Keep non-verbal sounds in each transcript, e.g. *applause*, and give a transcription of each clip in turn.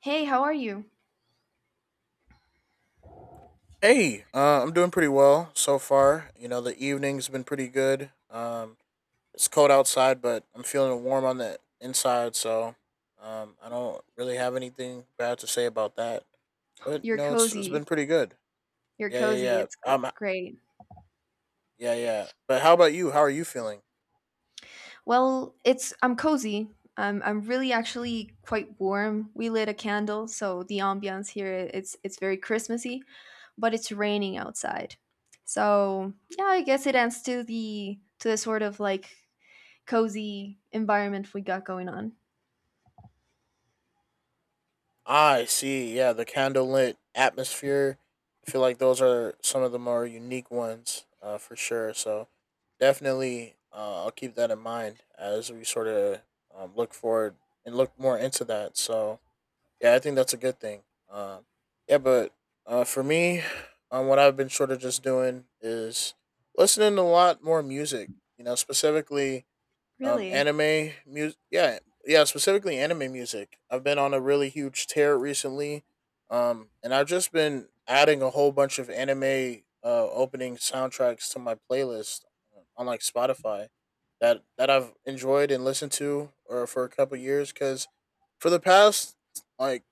Hey, how are you? Hey, I'm doing pretty well so far. You know, the evening's been pretty good. It's cold outside, but I'm feeling warm on the inside, so I don't really have anything bad to say about that. But you You're know, it's been cozy. pretty good. You're Yeah, cozy. yeah, It's yeah. Great. Yeah, yeah. But how about you? How are you feeling? Well, it's I'm cozy. I'm really actually quite warm. We lit a candle, so the ambiance here, it's very Christmassy, but it's raining outside. So, yeah, I guess it adds to the sort of like cozy environment we got going on. I see. Yeah, the candlelit atmosphere. I feel like those are some of the more unique ones, for sure. So definitely, I'll keep that in mind as we sort of look forward and look more into that. So yeah, I think that's a good thing. Um, yeah, but for me, what I've been sort of just doing is listening to a lot more music. You know, specifically Really? anime music. Yeah, yeah, specifically anime music. I've been on a really huge tear recently, and I've just been adding a whole bunch of anime opening soundtracks to my playlist, on like Spotify, that I've enjoyed and listened to or for a couple years. Because for the past like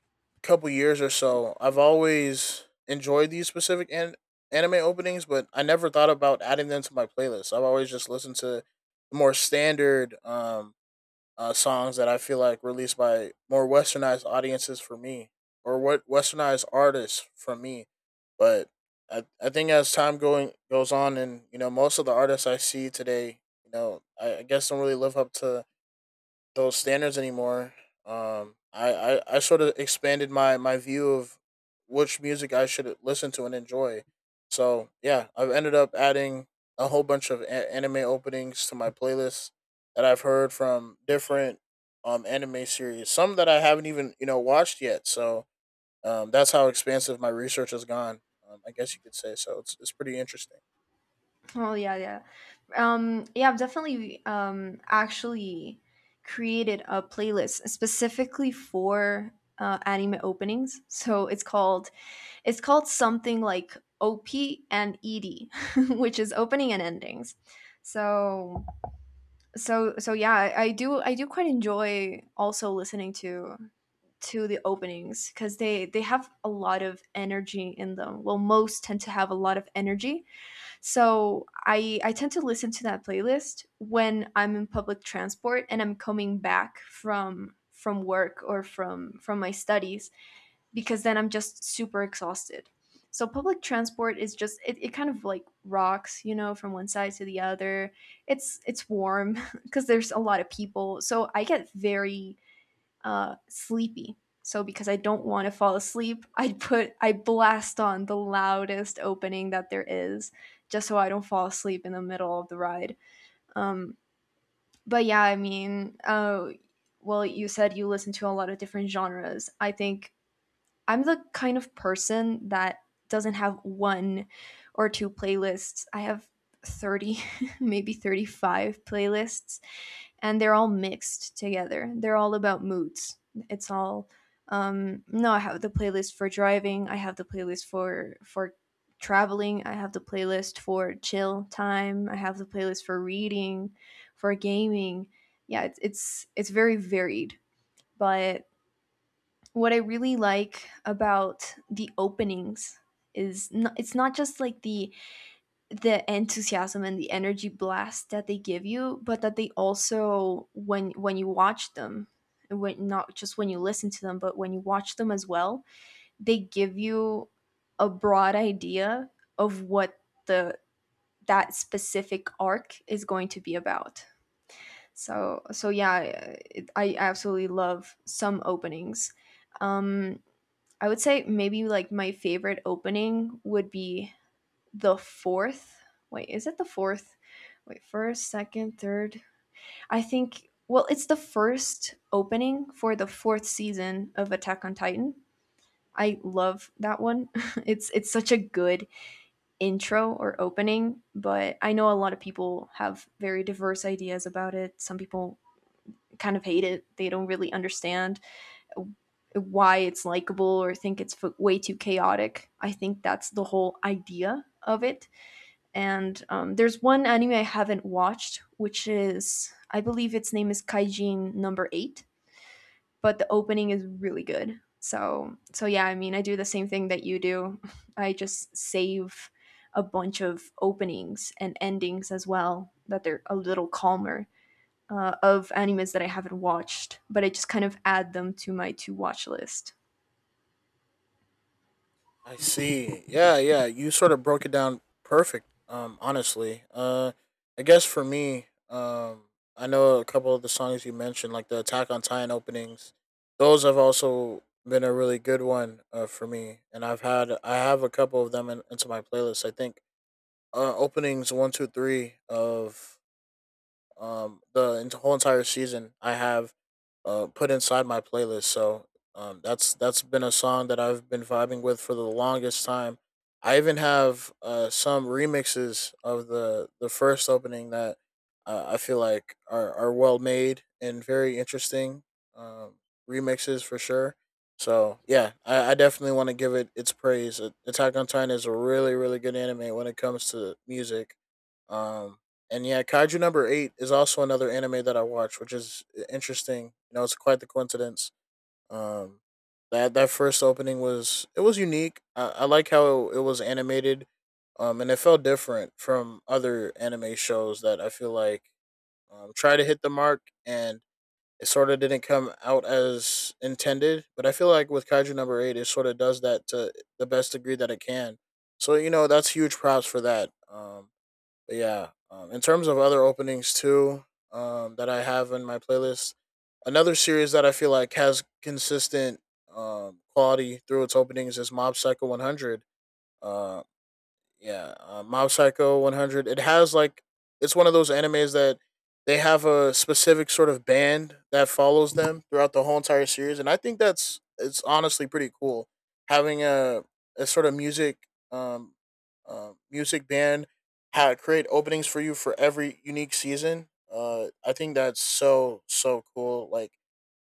couple years or so, I've always enjoyed these specific anime openings, but I never thought about adding them to my playlist. I've always just listened to the more standard songs that I feel like released by more westernized audiences for me, or what westernized artists for me. But I think as time going goes on, and you know, most of the artists I see today, you know, I guess don't really live up to those standards anymore. Um, I, I sort of expanded my view of which music I should listen to and enjoy. So yeah, I've ended up adding a whole bunch of anime openings to my playlist that I've heard from different anime series, some that I haven't even watched yet. So that's how expansive my research has gone. I guess you could say so. It's pretty interesting. Oh yeah, yeah. Yeah, I've definitely actually created a playlist specifically for anime openings. So it's called something like OP and ED, *laughs* which is opening and endings. So so yeah, I do quite enjoy also listening to the openings because they have a lot of energy in them. Well, most tend to have a lot of energy, so I tend to listen to that playlist when I'm in public transport and I'm coming back from work or from my studies, because then I'm just super exhausted. So public transport is just it kind of like rocks, you know, from one side to the other. It's warm *laughs* because there's a lot of people. So I get very sleepy. So because I don't want to fall asleep, *laughs* I blast on the loudest opening that there is, just so I don't fall asleep in the middle of the ride. Um, but yeah, you said you listen to a lot of different genres. I think I'm the kind of person that doesn't have one or two playlists. I have 30, *laughs* maybe 35 playlists, and they're all mixed together. They're all about moods. It's all No, I have the playlist for driving, I have the playlist for traveling, I have the playlist for chill time, I have the playlist for reading, for gaming. Yeah, it's very varied. But what I really like about the openings is not, it's not just like the enthusiasm and the energy blast that they give you, but that they also, when you watch them, when not just when you listen to them, but when you watch them as well, they give you a broad idea of what the that specific arc is going to be about. So yeah, I absolutely love some openings. Um, I would say maybe like my favorite opening would be the fourth. Wait, is it the fourth? Wait, first, second, third. I think, well, it's the first opening for the fourth season of Attack on Titan. I love that one. *laughs* It's such a good intro or opening, but I know a lot of people have very diverse ideas about it. Some people kind of hate it. They don't really understand why it's likable, or think it's way too chaotic. I think that's the whole idea of it. And There's one anime I haven't watched, which is, I believe, its name is Kaijin Number Eight, but the opening is really good. So yeah, I mean, I do the same thing that you do. *laughs* I just save a bunch of openings and endings as well that they're a little calmer, of animes that I haven't watched, but I just kind of add them to my to watch list. I see. Yeah, yeah. You sort of broke it down perfect. Honestly, I guess for me, I know a couple of the songs you mentioned, like the Attack on Titan openings. Those have also been a really good one, for me, and I have a couple of them in, into my playlist. I think openings one, two, three of the whole entire season I have, put inside my playlist. So that's been a song that I've been vibing with for the longest time. I even have some remixes of the first opening that, I feel like are well made and very interesting um, remixes for sure. So yeah, I definitely want to give it its praise. Attack on Titan is a really really good anime when it comes to music. Um, and yeah, Kaiju number eight is also another anime that I watch, which is interesting. You know, it's quite the coincidence. Um, that first opening was, it was unique. I like how it was animated, and it felt different from other anime shows that I feel like try to hit the mark, and it sort of didn't come out as intended. But I feel like with Kaiju number eight, it sort of does that to the best degree that it can. So you know, that's huge props for that. But in terms of other openings too, that I have in my playlist, another series that I feel like has consistent quality through its openings is Mob Psycho 100. Uh, yeah, Mob Psycho 100. It has like, it's one of those animes that they have a specific sort of band that follows them throughout the whole entire series, and I think that's, it's honestly pretty cool having a sort of music um music band create openings for you for every unique season. I think that's so so cool. Like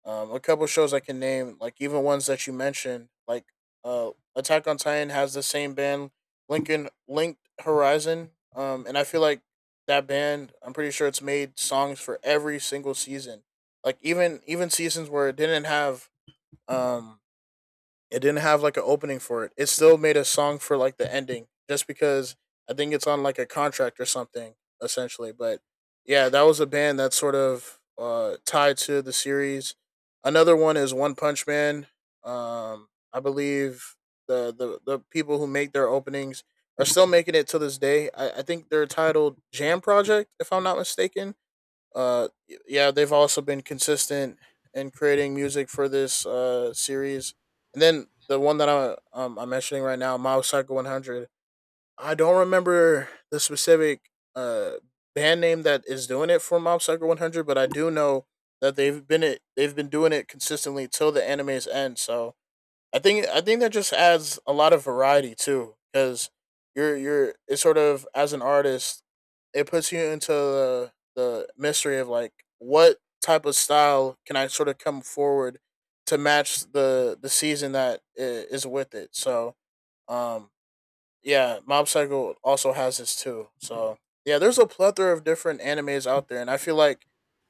a couple shows I can name, like even ones that you mentioned, like Attack on Titan has the same band, Lincoln Linked Horizon, and I feel like that band, I'm pretty sure it's made songs for every single season, like even seasons where it didn't have um like an opening for it. It still made a song for like the ending, just because I think it's on like a contract or something essentially. But yeah, that was a band that's sort of, tied to the series. Another one is One Punch Man. I believe the people who make their openings are still making it to this day. I think they're titled Jam Project, if I'm not mistaken. Uh yeah they've also been consistent in creating music for this series. And then the one that I'm mentioning right now, Mob Psycho 100, I don't remember the specific uh band name that is doing it for Mob Psycho 100, but I do know that they've been doing it consistently till the anime's end. So I think that just adds a lot of variety too, because you're it's sort of, as an artist, it puts you into the mystery of like what type of style can I sort of come forward to match the season that is with it. So um, yeah, Mob Psycho also has this too. So yeah, there's a plethora of different animes out there, and I feel like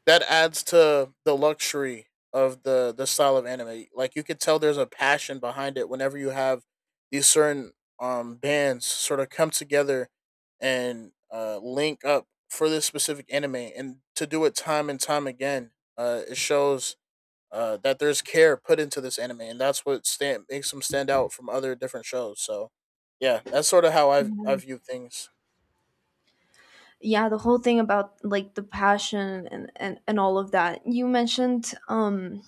that adds to the luxury of the style of anime. Like you could tell there's a passion behind it whenever you have these certain bands sort of come together and link up for this specific anime and to do it time and time again. Uh, it shows, that there's care put into this anime, and that's what stand makes them stand out from other different shows. So, yeah, that's sort of how I view things. Yeah, the whole thing about like the passion and all of that you mentioned,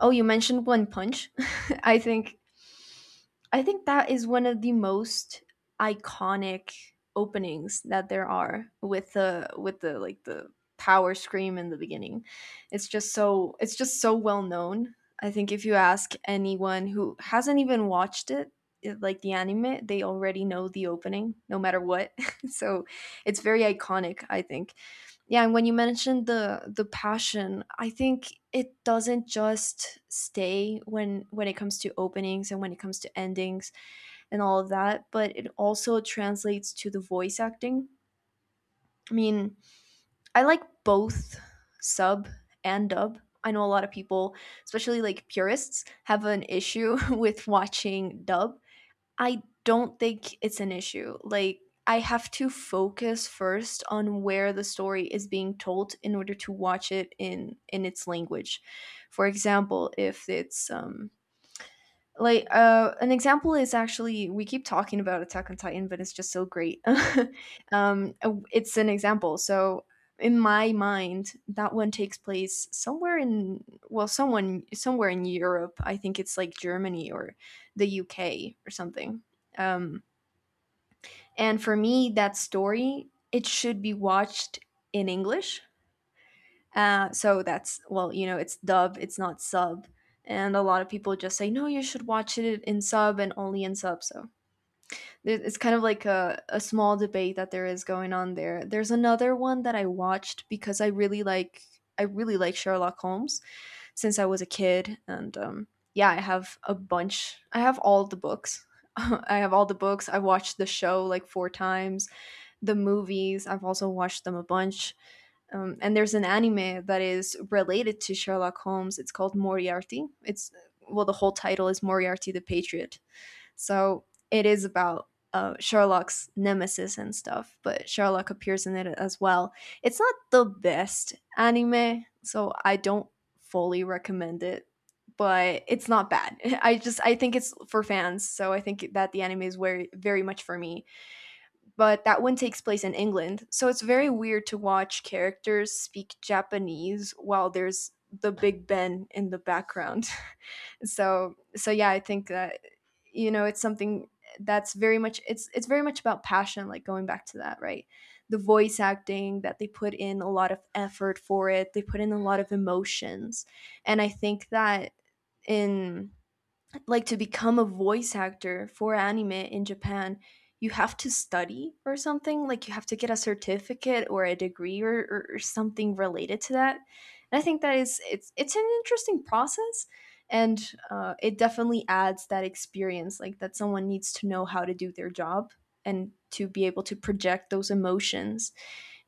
oh, you mentioned One Punch, *laughs* i think I think that is one of the most iconic openings that there are, with the like the power scream in the beginning. It's just so, it's just so well known. I think if you ask anyone who hasn't even watched like the anime, they already know the opening no matter what. *laughs* So it's very iconic, I think. Yeah, and when you mentioned the passion, I think it doesn't just stay when it comes to openings and when it comes to endings and all of that, but it also translates to the voice acting. I mean, I like both sub and dub. I know a lot of people, especially like purists, have an issue *laughs* with watching dub. I don't think it's an issue. Like, I have to focus first on where the story is being told in order to watch it in its language. For example, if it's an example is, actually, we keep talking about Attack on Titan, but it's just so great. *laughs* It's an example. So in my mind, that one takes place somewhere in, well, someone somewhere in Europe. I think it's like Germany or the UK or something. um, and for me, that story, it should be watched in English. So that's, well, you know, it's dub, it's not sub, and a lot of people just say no, you should watch it in sub and only in sub. So it's kind of like a small debate that there is going on there. There's another one that I watched because I really like Sherlock Holmes since I was a kid, and yeah, I have a bunch. I have all the books. *laughs* I have all the books. I watched the show like 4 times. The movies, I've also watched them a bunch. And there's an anime that is related to Sherlock Holmes. It's called Moriarty. It's, well, the whole title is Moriarty the Patriot. So it is about Sherlock's nemesis and stuff, but Sherlock appears in it as well. It's not the best anime, so I don't fully recommend it, but it's not bad. *laughs* I think it's for fans, so I think that the anime is very very much for me, but that one takes place in England. So it's very weird to watch characters speak Japanese while there's the Big Ben in the background. *laughs* So yeah, I think that, you know, it's something that's very much, it's very much about passion, like going back to that, right? The voice acting that they put in a lot of effort for it. They put in a lot of emotions. And I think that in like to become a voice actor for anime in Japan, you have to study or something. Like you have to get a certificate or a degree, or something related to that. And I think that is it's an interesting process, and it definitely adds that experience, like that someone needs to know how to do their job and to be able to project those emotions.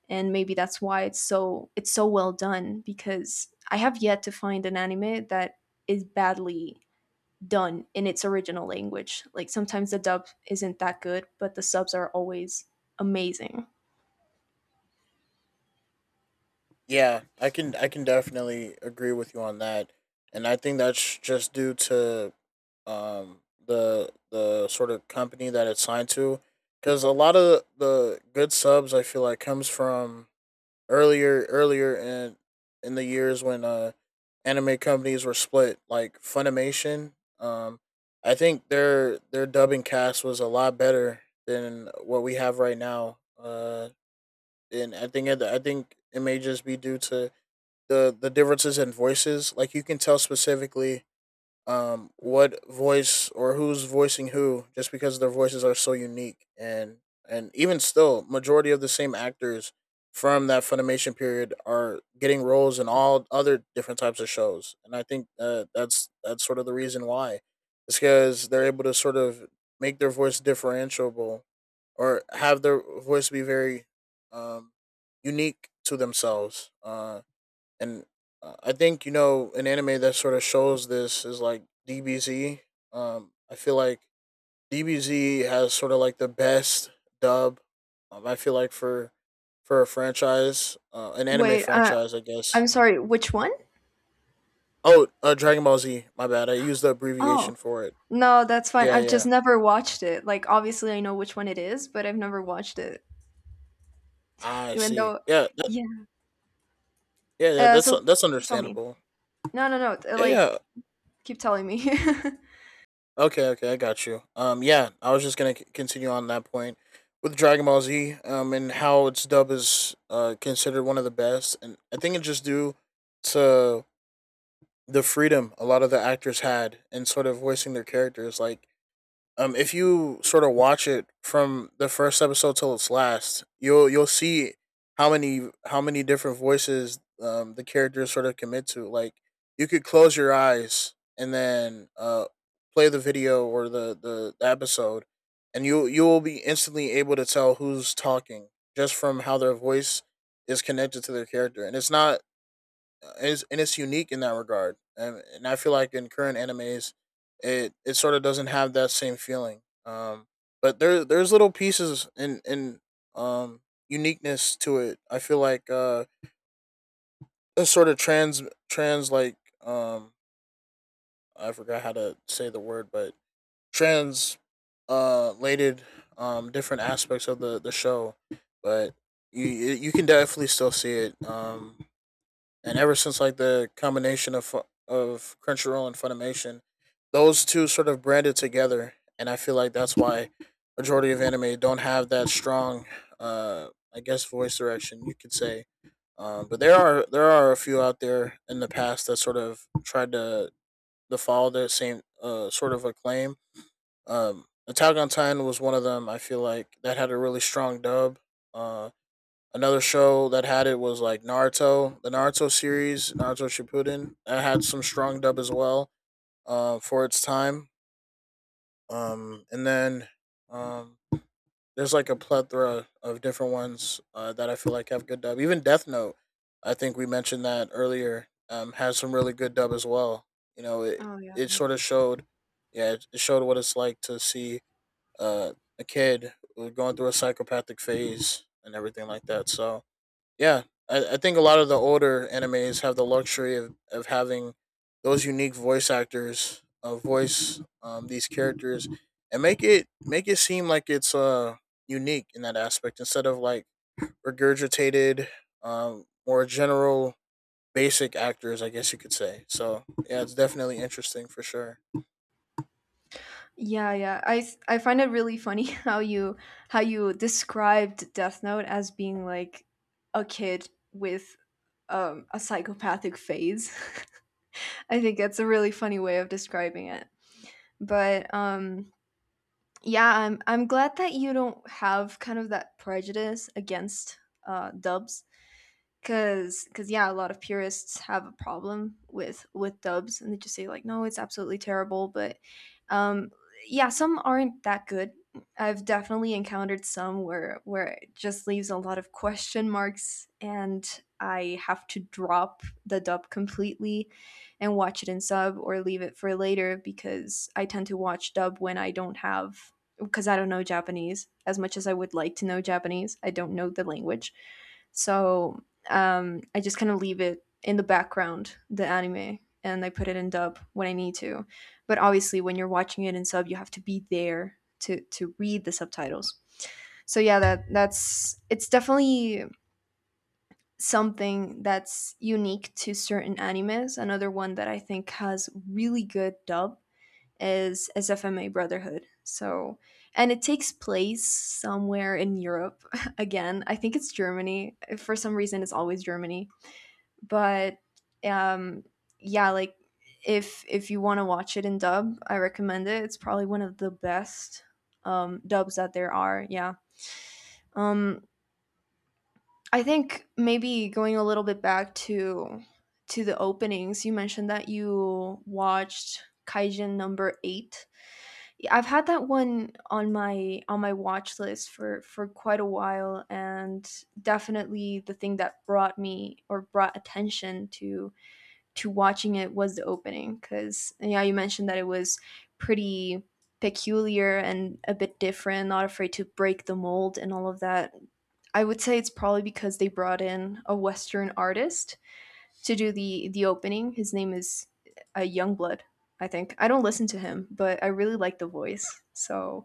And maybe that's why it's so, it's so well done, because I have yet to find an anime that is badly done in its original language. Like sometimes the dub isn't that good, but the subs are always amazing. Yeah, I can definitely agree with you on that, and I think that's just due to um, the sort of company that it's signed to, because a lot of the good subs I feel like comes from earlier in the years when anime companies were split, like Funimation. Um, I think their dubbing cast was a lot better than what we have right now. And I think it may just be due to the differences in voices. Like you can tell specifically what voice or who's voicing who, just because their voices are so unique. And even still, majority of the same actors from that Funimation period are getting roles in all other different types of shows, and I think, that's sort of the reason why. It's because they're able to sort of make their voice differentiable, or have their voice be very um, unique to themselves. And I think you know an anime that sort of shows this is like DBZ. I feel like DBZ has sort of like the best dub. I feel like for a franchise, an anime Wait, franchise, I guess. I'm sorry, which one? Oh, Dragon Ball Z. My bad. I used the Oh, abbreviation for it. no, that's fine. Yeah, I've just yeah. never watched it. Like obviously I know which one it is, but I've never watched it. I Even see. though, Yeah, that, yeah. yeah, yeah. So That's tell me. understandable. No, no, no. Yeah, yeah. Like keep telling me. *laughs* Okay, okay, I got you. Yeah, I was just gonna continue on that point with Dragon Ball Z, and how its dub is considered one of the best, and I think it's just due to the freedom a lot of the actors had in sort of voicing their characters. Like, if you sort of watch it from the first episode till its last, you'll see how many different voices, the characters sort of commit to. Like you could close your eyes and then, play the video or the episode, and you will be instantly able to tell who's talking just from how their voice is connected to their character. And it's not is and it's unique in that regard. And I feel like in current animes, it sort of doesn't have that same feeling. But there's little pieces in um uniqueness to it. I feel like, a sort of trans trans like um I forgot how to say the word, but trans lated different aspects of the show. But you can definitely still see it. And ever since like the combination of Crunchyroll and Funimation, those two sort of branded together, and I feel like that's why majority of anime don't have that strong, uh, I guess voice direction you could say. But there are a few out there in the past that sort of tried to follow the same sort of acclaim. Attack on Titan was one of them. I feel like that had a really strong dub. Uh, Another show that had it was like Naruto, the Naruto series, Naruto Shippuden. That had some strong dub as well, for its time. And then um, there's like a plethora of different ones that I feel like have good dub. Even Death Note, I think we mentioned that earlier, has some really good dub as well. You know, it Oh yeah, it yeah. sort of showed, yeah, it showed what it's like to see uh, a kid going through a psychopathic phase and everything like that. So yeah, I think a lot of the older animes have the luxury of having those unique voice actors voice these characters and make it seem like it's unique in that aspect instead of like regurgitated, more general basic actors, I guess you could say. So yeah, it's definitely interesting for sure. Yeah, yeah. I find it really funny *laughs* how you described Death Note as being like a kid with, a psychopathic phase. *laughs* I think that's a really funny way of describing it. But Yeah, I'm glad that you don't have kind of that prejudice against dubs. Cause yeah, a lot of purists have a problem with dubs, and they just say like, no, it's absolutely terrible. But um, yeah, some aren't that good. I've definitely encountered some where it just leaves a lot of question marks, and I have to drop the dub completely and watch it in sub or leave it for later, because I tend to watch dub when I don't have, because I don't know Japanese as much as I would like to know Japanese. I don't know the language. So I just kind of leave it in the background, the anime, and I put it in dub when I need to. But obviously, when you're watching it in sub, you have to be there to read the subtitles. So yeah, that's it's definitely something that's unique to certain animes. Another one that I think has really good dub is SFMA Brotherhood. So, and it takes place somewhere in Europe *laughs* again. I think it's Germany. For some reason, it's always Germany. But um, yeah, like if you want to watch it in dub, I recommend it. It's probably one of the best dubs that there are. Yeah. Um, I think maybe going a little bit back to the openings, you mentioned that you watched Kaijin number eight. Yeah, I've had that one on my watch list for quite a while, and definitely the thing that brought me or brought attention to watching it was the opening because yeah, you mentioned that it was pretty peculiar and a bit different, not afraid to break the mold and all of that. I would say it's probably because they brought in a western artist to do the opening. His name is Youngblood, I think. I don't listen to him, but I really like the voice, so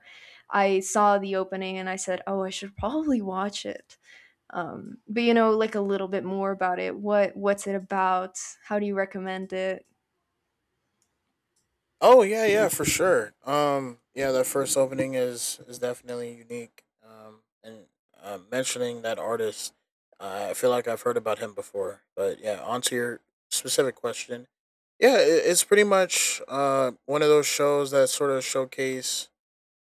I saw the opening and I said, oh, I should probably watch it. But like a little bit more about it, what what's it about, how do you recommend it? Oh yeah, yeah, for sure. Yeah, that first opening is definitely unique. And mentioning that artist, I feel like I've heard about him before. But yeah, onto your specific question. Yeah, it's pretty much one of those shows that sort of showcase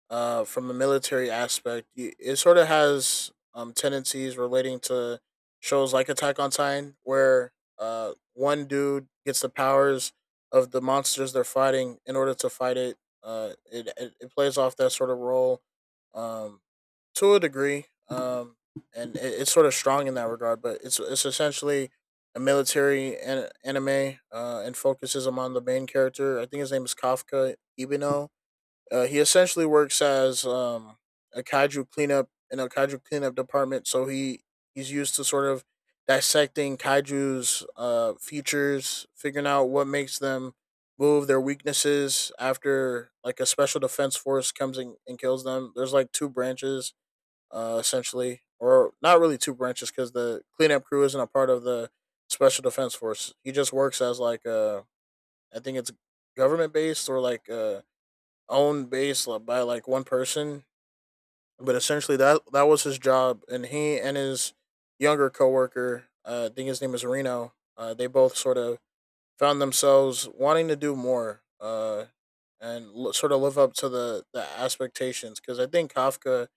from a military aspect. It sort of has tendencies relating to shows like Attack on Titan, where one dude gets the powers of the monsters they're fighting in order to fight it. It plays off that sort of role um, to a degree, and it's sort of strong in that regard, but it's essentially a military anime, and focuses him on the main character. I think his name is Kafka Ibino. He essentially works as a kaiju cleanup, in a kaiju cleanup department, so he's used to sort of dissecting kaiju's features, figuring out what makes them move, their weaknesses. After like a special defense force comes in and kills them, there's like two branches, essentially, or not really two branches because the cleanup crew isn't a part of the special defense force. He just works as like a, I think it's government based, or like owned base by like one person, but essentially that that was his job, and he and his younger coworker, I think his name is Reno, they both sort of found themselves wanting to do more, and sort of live up to the expectations, because I think Kafka,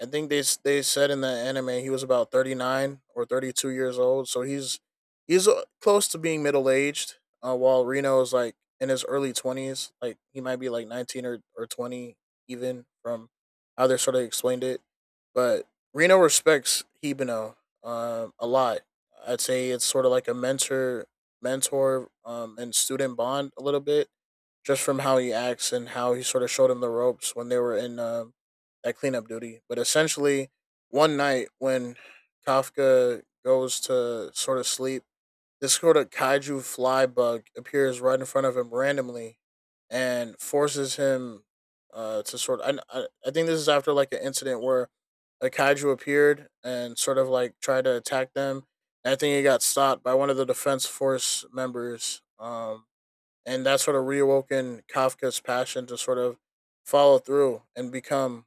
I think they said in the anime he was about 39 or 32 years old, so he's close to being middle aged. While Reno is like in his early 20s, like he might be like 19 or 20, even from how they sort of explained it. But Reno respects Hibino a lot. I'd say it's sort of like a mentor and student bond a little bit, just from how he acts and how he sort of showed him the ropes when they were in at cleanup duty. But essentially, one night when Kafka goes to sort of sleep, this sort of kaiju fly bug appears right in front of him randomly and forces him to sort of. I think this is after like an incident where a kaiju appeared and sort of like tried to attack them. And I think he got stopped by one of the defense force members. And that sort of reawoken Kafka's passion to sort of follow through and become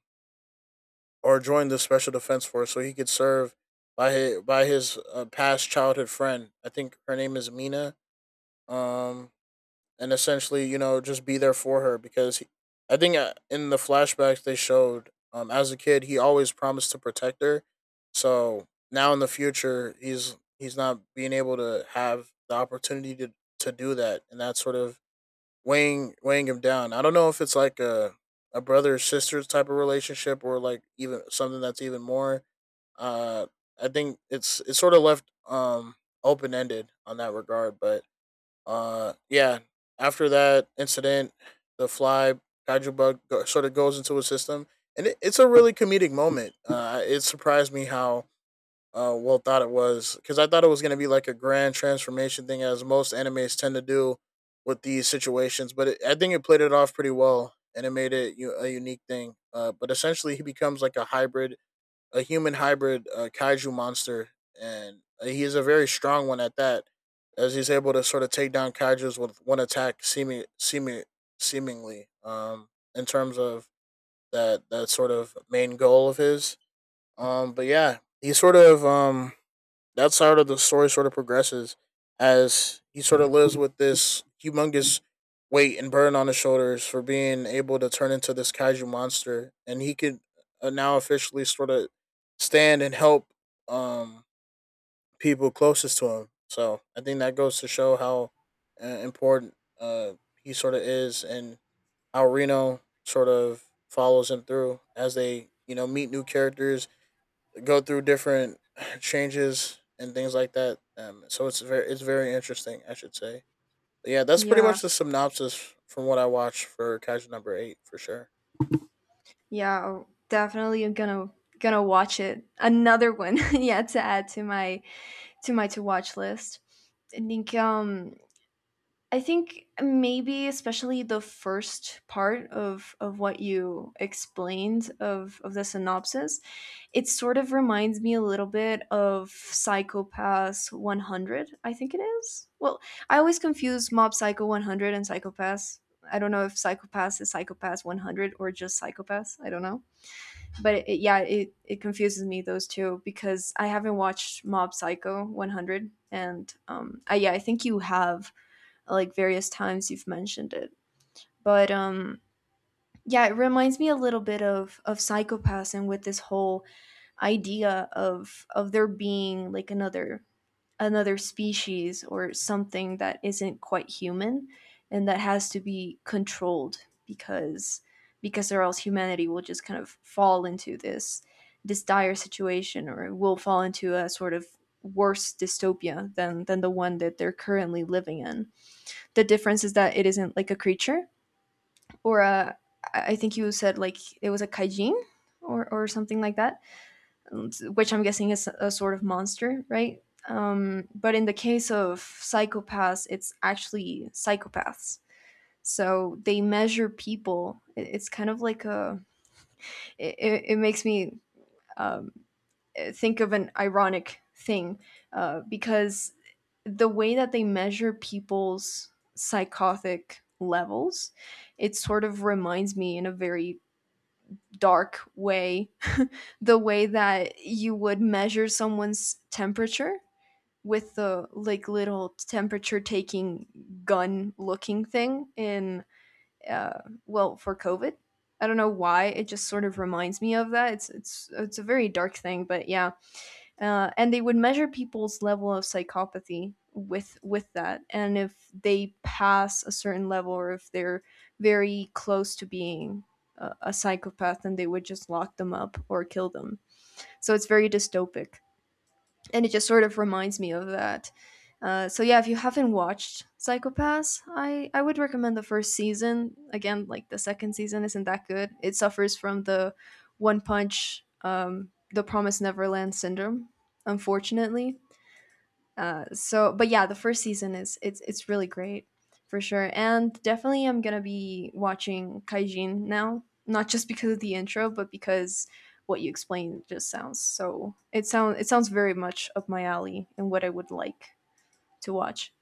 or joined the Special Defense Force, so he could serve by his, by his past childhood friend. I think her name is Mina. Um, and essentially, you know, just be there for her because he, I think in the flashbacks they showed, as a kid, he always promised to protect her. So now in the future, he's not being able to have the opportunity to do that, and that sort of weighing him down. I don't know if it's like a brother sisters type of relationship or like even something that's even more. Uh, I think it's sort of left open ended on that regard. But yeah, after that incident, the fly kaiju bug sort of goes into his system, and it's a really comedic moment. It surprised me how well thought it was, because I thought it was going to be like a grand transformation thing, as most animes tend to do with these situations. But it, I think it played it off pretty well, and it made it a unique thing. But essentially, he becomes like a hybrid, a human hybrid kaiju monster, and he is a very strong one at that, as he's able to sort of take down kaiju's with one attack, seemingly. In terms of that sort of main goal of his. But yeah, he sort of that side of the story sort of progresses as he sort of lives with this humongous weight and burden on his shoulders for being able to turn into this kaiju monster, and he could now officially sort of stand and help um, people closest to him. So I think that goes to show how important uh, he sort of is, and how Reno sort of follows him through as they, you know, meet new characters, go through different *sighs* changes and things like that. So it's very interesting, I should say. But yeah, that's pretty Yeah, much the synopsis from what I watched for Kaiju Number Eight for sure. yeah, oh, definitely I'm gonna watch it. Another one, *laughs* yeah, to add to my to watch list. I think um I think maybe especially the first part of what you explained of the synopsis, it sort of reminds me a little bit of Psychopass 100, I think it is. Well, I always confuse Mob Psycho 100 and Psychopass. I don't know if Psychopass is Psychopass 100 or just Psychopass. I don't know. But yeah, it confuses me those two because I haven't watched Mob Psycho 100, and um, I, yeah, I think you have like various times you've mentioned it. But um, yeah, it reminds me a little bit of psychopaths and with this whole idea of there being like another species or something that isn't quite human and that has to be controlled because or else humanity will just kind of fall into this dire situation, or will fall into a sort of worse dystopia than the one that they're currently living in. The difference is that it isn't like a creature or a. I think you said like it was a kaijin or something like that, which I'm guessing is a sort of monster, right? But in the case of psychopaths, it's actually psychopaths. So they measure people. It's kind of like a. It makes me um, think of an ironic thing because the way that they measure people's psychotic levels, it sort of reminds me in a very dark way *laughs* the way that you would measure someone's temperature with the like little temperature taking gun looking thing in uh, well, for COVID. I don't know why it just sort of reminds me of that. It's it's a very dark thing, but yeah. And they would measure people's level of psychopathy with that, and if they pass a certain level or if they're very close to being a psychopath, then they would just lock them up or kill them. So it's very dystopic, and it just sort of reminds me of that. So yeah, if you haven't watched Psychopaths, I would recommend the first season. Again, like the second season isn't that good. It suffers from the One Punch, the Promise Neverland syndrome, unfortunately. So, but yeah, the first season is it's really great for sure, and definitely I'm gonna be watching Kaijin now, not just because of the intro, but because what you explained just sounds so, it sounds, it sounds very much up my alley and what I would like to watch.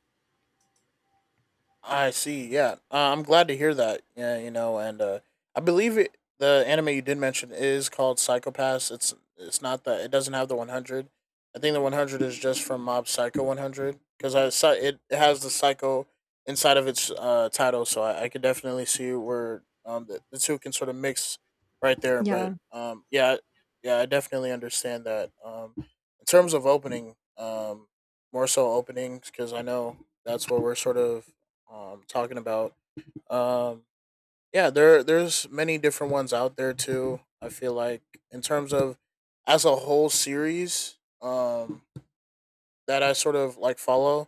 I see. Yeah, I'm glad to hear that. Yeah, you know, and I believe it. The anime you did mention is called Psychopaths. It's not that it doesn't have the 100. I think the 100 is just from Mob Psycho 100, because I saw it, it has the Psycho inside of its title, so I could definitely see where the two can sort of mix right there. Yeah. But yeah, yeah, I definitely understand that. In terms of opening, more so openings, because I know that's what we're sort of talking about. Um yeah, there there's many different ones out there too, I feel like, in terms of as a whole series that I sort of like follow,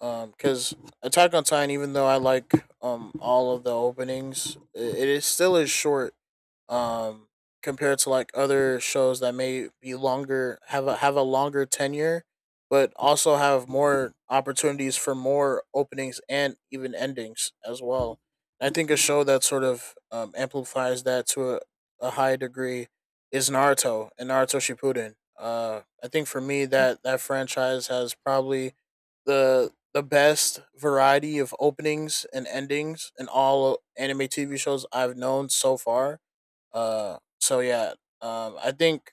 because Attack on Titan, even though I like all of the openings, it is still is short um compared to like other shows that may be longer, have a longer tenure, but also have more opportunities for more openings and even endings as well. I think a show that sort of amplifies that to a high degree is Naruto and Naruto Shippuden. I think for me, that franchise has probably the best variety of openings and endings in all anime TV shows I've known so far. Uh, so yeah, I think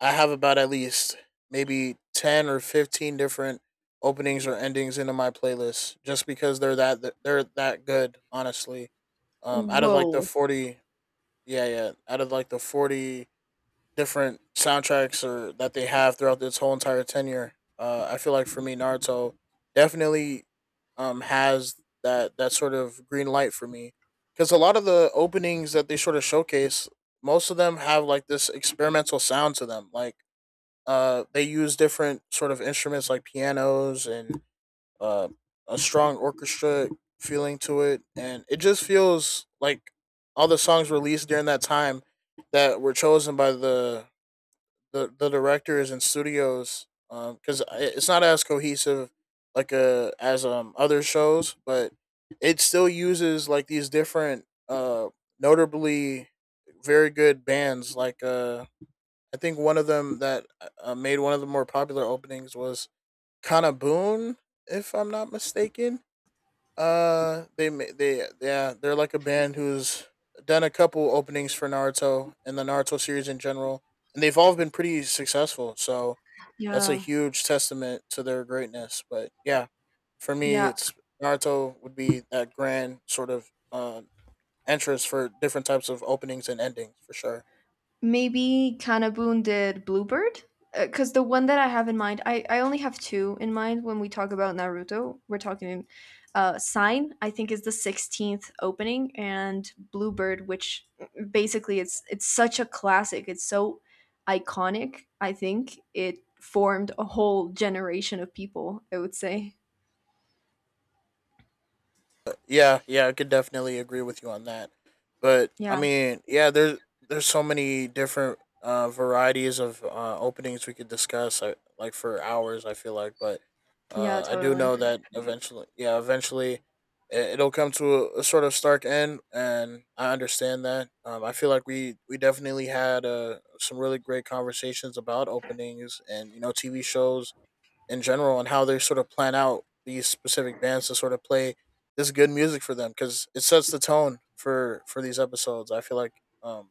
I have about at least maybe 10 or 15 different openings or endings into my playlist, just because they're that good. Honestly, out of like the Whoa. 40, yeah, yeah, out of like the 40 different soundtracks or that they have throughout this whole entire tenure. I feel like for me, Naruto definitely has that sort of green light for me, because a lot of the openings that they sort of showcase, most of them have like this experimental sound to them. Like they use different sort of instruments like pianos and uh, a strong orchestra feeling to it, and it just feels like all the songs released during that time that were chosen by the the directors and studios, because it's not as cohesive like as other shows, but it still uses like these different notably very good bands, like I think one of them that made one of the more popular openings was Kana Boone, if I'm not mistaken. They, yeah, they're like a band who's done a couple openings for Naruto and the Naruto series in general, and they've all been pretty successful. So that's a Yeah. huge testament to their greatness. But yeah, for me, Yeah. it's Naruto would be that grand sort of entrance for different types of openings and endings for sure. Maybe Kanabun did Bluebird? Because the one that I have in mind, I only have two in mind when we talk about Naruto. We're talking Sign, I think is the 16th opening, and Bluebird, which mm, basically it's such a classic. It's so iconic, I think. It formed a whole generation of people, I would say. Yeah, yeah, I could definitely agree with you on that. But I Yeah, mean, yeah, there's so many different varieties of openings we could discuss, like for hours, I feel like. But yeah, I do totally. know that eventually, yeah, eventually, it, it'll come to a sort of stark end, and I understand that. I feel like we definitely had some really great conversations about openings and, you know, TV shows in general, and how they sort of plan out these specific bands to sort of play this good music for them, because it sets the tone for these episodes. I feel like um,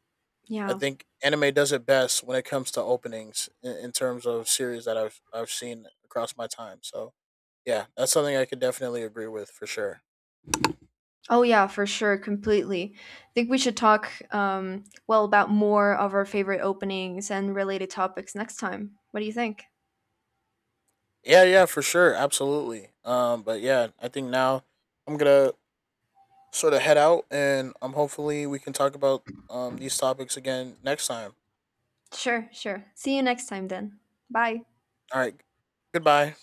I Yeah. think anime does it best when it comes to openings, in terms of series that I've seen across my time. So yeah, that's something I could definitely agree with for sure. Oh yeah, for sure, completely. I think we should talk well, about more of our favorite openings and related topics next time. What do you think? Yeah, yeah, for sure, absolutely. But yeah, I think now I'm gonna sort of head out, and hopefully we can talk about these topics again next time. Sure, sure. See you next time then. Bye. All right, goodbye.